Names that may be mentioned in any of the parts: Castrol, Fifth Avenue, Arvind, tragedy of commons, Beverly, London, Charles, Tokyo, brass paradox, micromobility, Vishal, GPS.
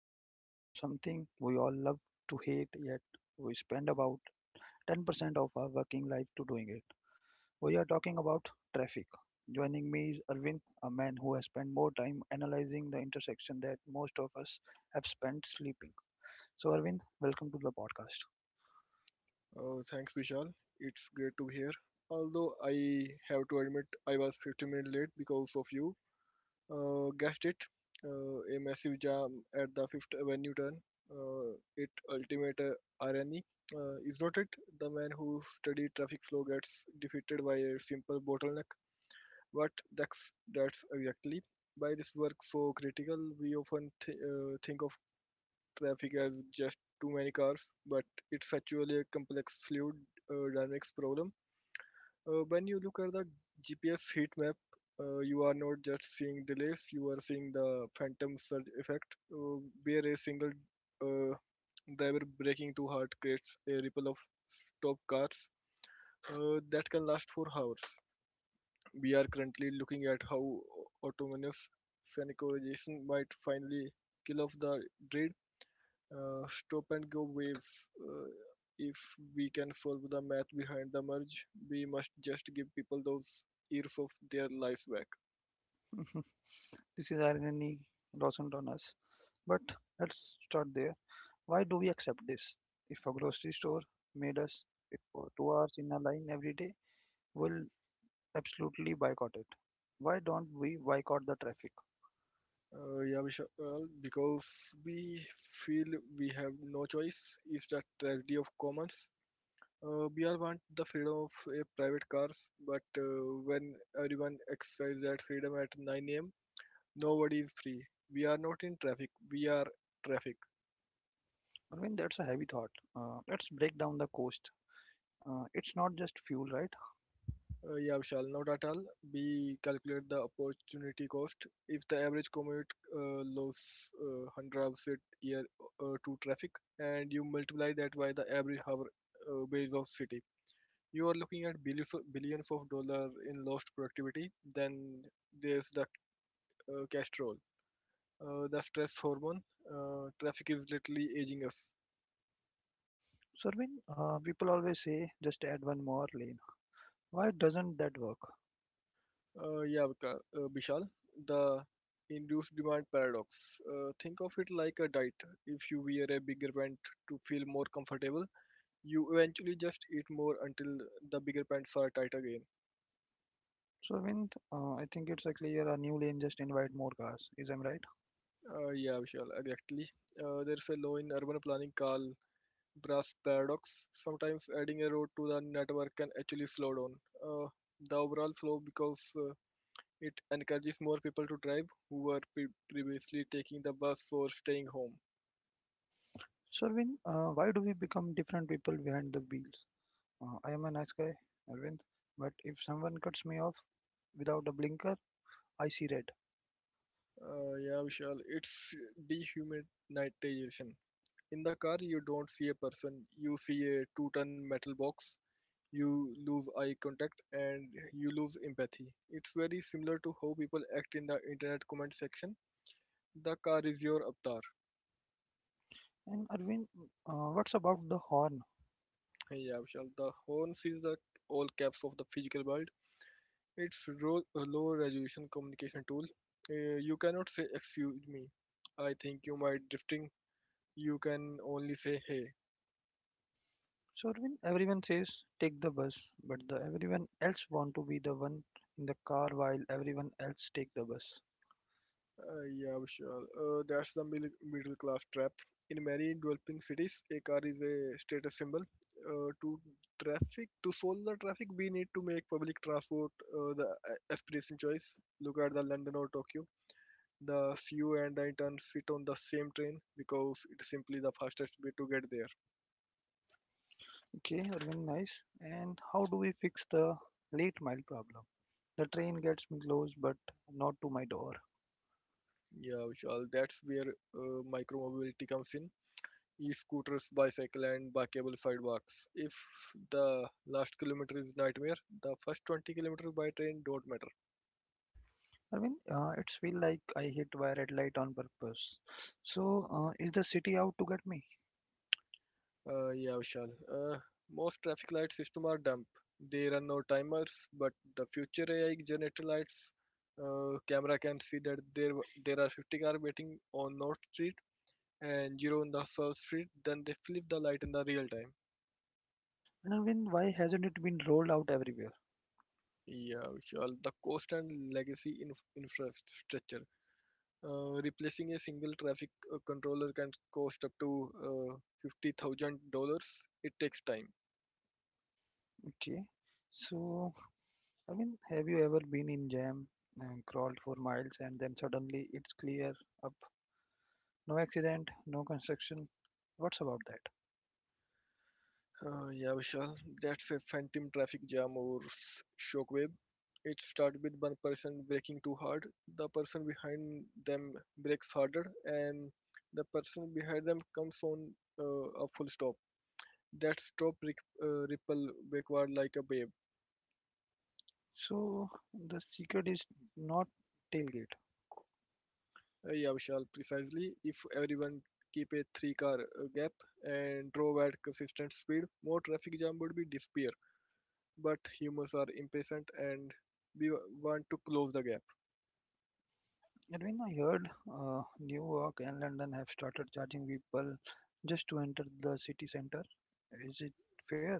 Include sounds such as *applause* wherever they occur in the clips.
we are talking about something we all love to hate, yet we spend about 10% of our working life to doing it. We are talking about traffic. Joining me is Arvind, a man who has spent more time analyzing the intersection that most of us have spent sleeping. So, Arvind, welcome to the podcast. Oh, thanks, Vishal. It's great to be here. Although I have to admit I was 15 minutes late because of you. Guessed it. A massive jam at the Fifth Avenue turn. It ultimate irony. Is not it? The man who studied traffic flow gets defeated by a simple bottleneck. But that's exactly. By this work so critical, we often think of traffic as just too many cars, but it's actually a complex fluid dynamics problem. When you look at the GPS heat map, you are not just seeing delays, you are seeing the phantom surge effect, uh, where a single uh, driver braking too hard creates a ripple of stopped cars that can last for hours. We are currently looking at how autonomous synchronization might finally kill off the dread stop and go wave. Uh, if we can follow the math behind the merge, we must just give people those years of their lives back. *laughs* This is irony doesn't on us, but let's start there. Why do we accept this? If a grocery store made us wait for 2 hours in a line every day, we'll absolutely boycott it. Why don't we boycott the traffic? Yeah, Vishal, because we feel we have no choice is the tragedy of commons. We all want the freedom of a private cars, but when everyone exercises that freedom at 9 a.m., nobody is free. We are not in traffic, we are traffic. Arvind, that's a heavy thought. Let's break down the cost. It's not just fuel, right? Yeah, Vishal, not at all. We calculate the opportunity cost. If the average commute loss 100 hours a year to traffic, and you multiply that by the average hour base of city, you are looking at billions of dollars in lost productivity. Then there's the castrol, the stress hormone. Traffic is literally aging us. So, Arvind, people always say just add one more lane. Why doesn't that work? Yeah, Vishal, the induced demand paradox. Think of it like a diet. If you wear a bigger pant to feel more comfortable, you eventually just eat more until the bigger pants are tight again. So, Arvind, I think it's a clear a new lane just invite more cars. Is I'm right? Yeah, Vishal, exactly. There's a law in urban planning called brass paradox. Sometimes adding a road to the network can actually slow down uh, the overall flow because it encourages more people to drive who were previously taking the bus or staying home. So, Arvind, why do we become different people behind the wheels? I am a nice guy, Arvind, but if someone cuts me off without a blinker, I see red. Yeah, Vishal, it's dehumanization. In the car, you don't see a person, you see a two-ton metal box, you lose eye contact, and you lose empathy. It's very similar to how people act in the internet comment section. The car is your avatar. And Arvind, what's about the horn? Yeah, Vishal, the horns is the all caps of the physical world. It's a low resolution communication tool. You cannot say, excuse me, I think you might drifting. You can only say, hey. So Arvind, everyone says take the bus, but the everyone else want to be the one in the car while everyone else take the bus. Yeah, Vishal. That's the middle class trap. In many developing cities, a car is a status symbol. Uh, to to solve the traffic, we need to make public transport the aspiration choice. Look at the London or Tokyo. The CEO and the intern sit on the same train because it's simply the fastest way to get there. Okay, Arvind, nice. And how do we fix the late mile problem? The train gets me close, but not to my door. Yeah, Vishal. That's where micromobility comes in. E-scooters, bicycle, and bikeable sidewalks. If the last kilometer is nightmare, the first 20 kilometers by train don't matter. Arvind, it's feel like I hit by red light on purpose. So is the city out to get me? Yeah, Vishal. Uh, Most traffic light system are dumb. They run no timers, but the future AI generator lights camera can see that there are 50 cars waiting on North Street and zero on the South Street. Then they flip the light in the real time. I mean, why hasn't it been rolled out everywhere? Yeah, Vishal. The cost and legacy infrastructure. Replacing a single traffic controller can cost up to $50,000. It takes time. Okay. So, I mean, have you ever been in jam, and crawled for miles, and then suddenly it's clear up? No accident, no construction. What's about that? Yeah, Vishal, that's a phantom traffic jam or shockwave. It starts with one person braking too hard, the person behind them brakes harder, and the person behind them comes on a full stop. That stop ripple backward like a wave. So, the secret is not tailgate. Yeah, Vishal, precisely. If everyone keep a three-car gap and drove at consistent speed, more traffic jam would be disappear. But humans are impatient and we want to close the gap. And when I heard New York and London have started charging people just to enter the city center, is it fair?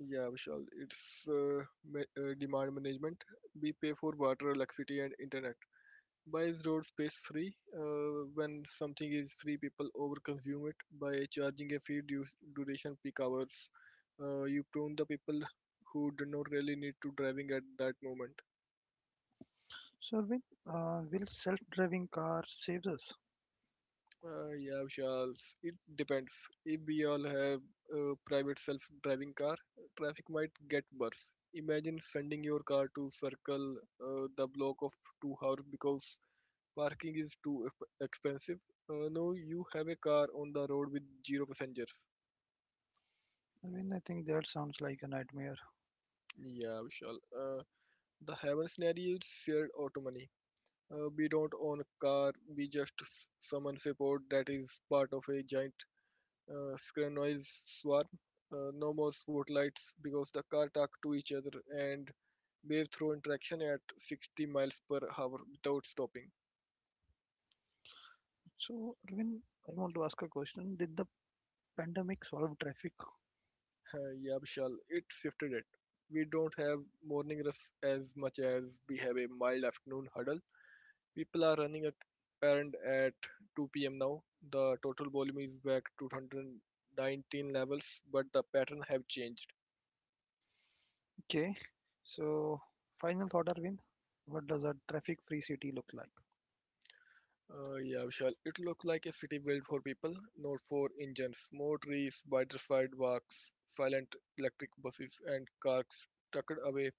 Yeah, Vishal, it's demand management. We pay for water, electricity, and internet. Why is road space free? When something is free, people overconsume it by charging a fee due duration peak hours. You prune the people who do not really need to driving at that moment. So, when will self-driving car save us? Yeah, Charles. It depends. If we all have a private self-driving car, traffic might get worse. Imagine sending your car to circle the block of 2 hours because parking is too expensive. No, you have a car on the road with zero passengers. I mean, I think that sounds like a nightmare. Yeah, Vishal. The heaven scenario is shared autonomy. We don't own a car, we just summon support that is part of a giant uh, noise swarm. No more spotlights because the car talk to each other and wave through interaction at 60 miles per hour without stopping. So, Arvind, I want to ask a question. Did the pandemic solve traffic? Yeah, Vishal, it shifted it. We don't have morning rush as much as we have a mild afternoon huddle. People are running a parent at 2 p.m. now. The total volume is back to 2019 levels, but the pattern have changed. Okay. So, final thought, Arvind. What does a traffic-free city look like? Yeah, Vishal. It looks like a city built for people, not for engines. More trees, wider sidewalks, silent electric buses, and cars tucked away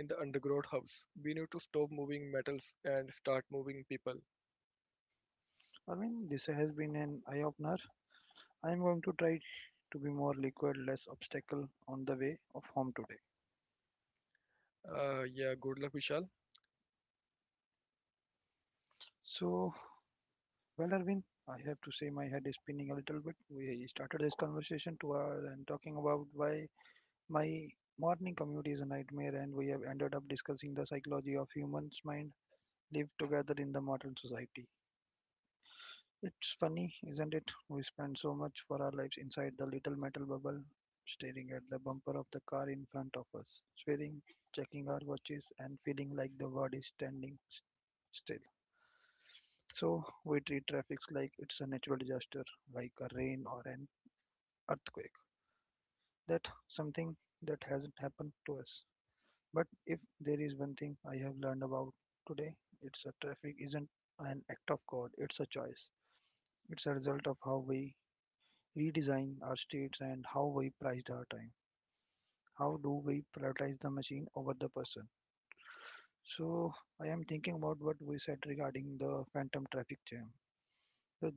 in the underground house. We need to stop moving metals and start moving people. Arvind, this has been an eye-opener. I am going to try to be more liquid, less obstacle on the way of home today. Yeah, good luck, Vishal. So, well, Arvind, I have to say my head is spinning a little bit. We started this conversation 2 hours and talking about why my morning commute is a nightmare, and we have ended up discussing the psychology of humans' mind live together in the modern society. It's funny, isn't it? We spend so much for our lives inside the little metal bubble, staring at the bumper of the car in front of us, swearing, checking our watches, and feeling like the world is standing still. So we treat traffic like it's a natural disaster, like a rain or an earthquake. That something that hasn't happened to us. But if there is one thing I have learned about today, it's a traffic isn't an act of God, it's a choice. It's a result of how we redesign our states and how we priced our time. How do we prioritize the machine over the person? So I am thinking about what we said regarding the phantom traffic jam. The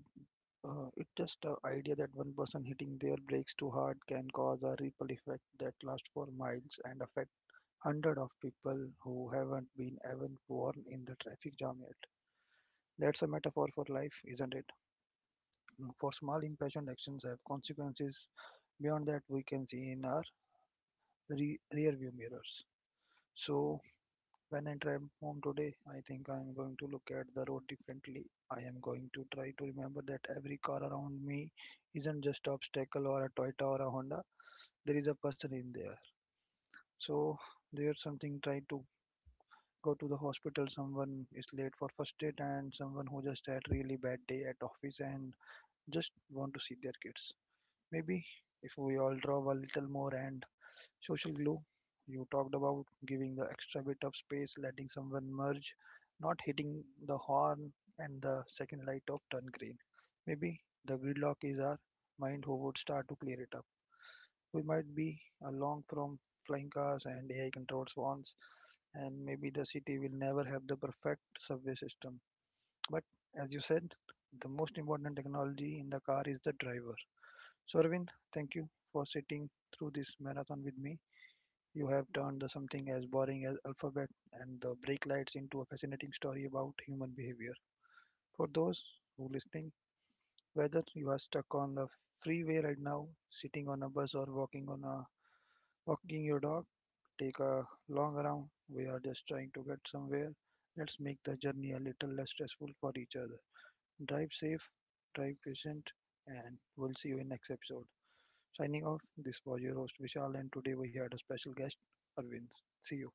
it's just the idea that one person hitting their brakes too hard can cause a ripple effect that lasts for miles and affect hundreds of people who haven't been even born in the traffic jam yet. That's a metaphor for life, isn't it? Mm, for small impatient actions have consequences beyond that, we can see in our rear view mirrors. So, when I drive home today, I think I am going to look at the road differently. I am going to try to remember that every car around me isn't just an obstacle or a Toyota or a Honda. There is a person in there. So, there's something trying to go to the hospital, someone is late for first aid, and someone who just had really bad day at office and just want to see their kids. Maybe if we all draw a little more and social glue you talked about giving the extra bit of space letting someone merge, not hitting the horn and the second light of turn green, maybe the gridlock is our mind who would start to clear it up. We might be along from flying cars and AI controlled swans, and maybe the city will never have the perfect subway system, but as you said, the most important technology in the car is the driver. So, Arvind, thank you for sitting through this marathon with me. You have turned the something as boring as alphabet and the brake lights into a fascinating story about human behavior. For those who listening, whether you are stuck on the freeway right now, sitting on a bus or walking on a walking your dog, take a long round. We are just trying to get somewhere. Let's make the journey a little less stressful for each other. Drive safe, drive patient, and we'll see you in next episode. Signing off, this was your host Vishal and today we had a special guest, Arvind. See you.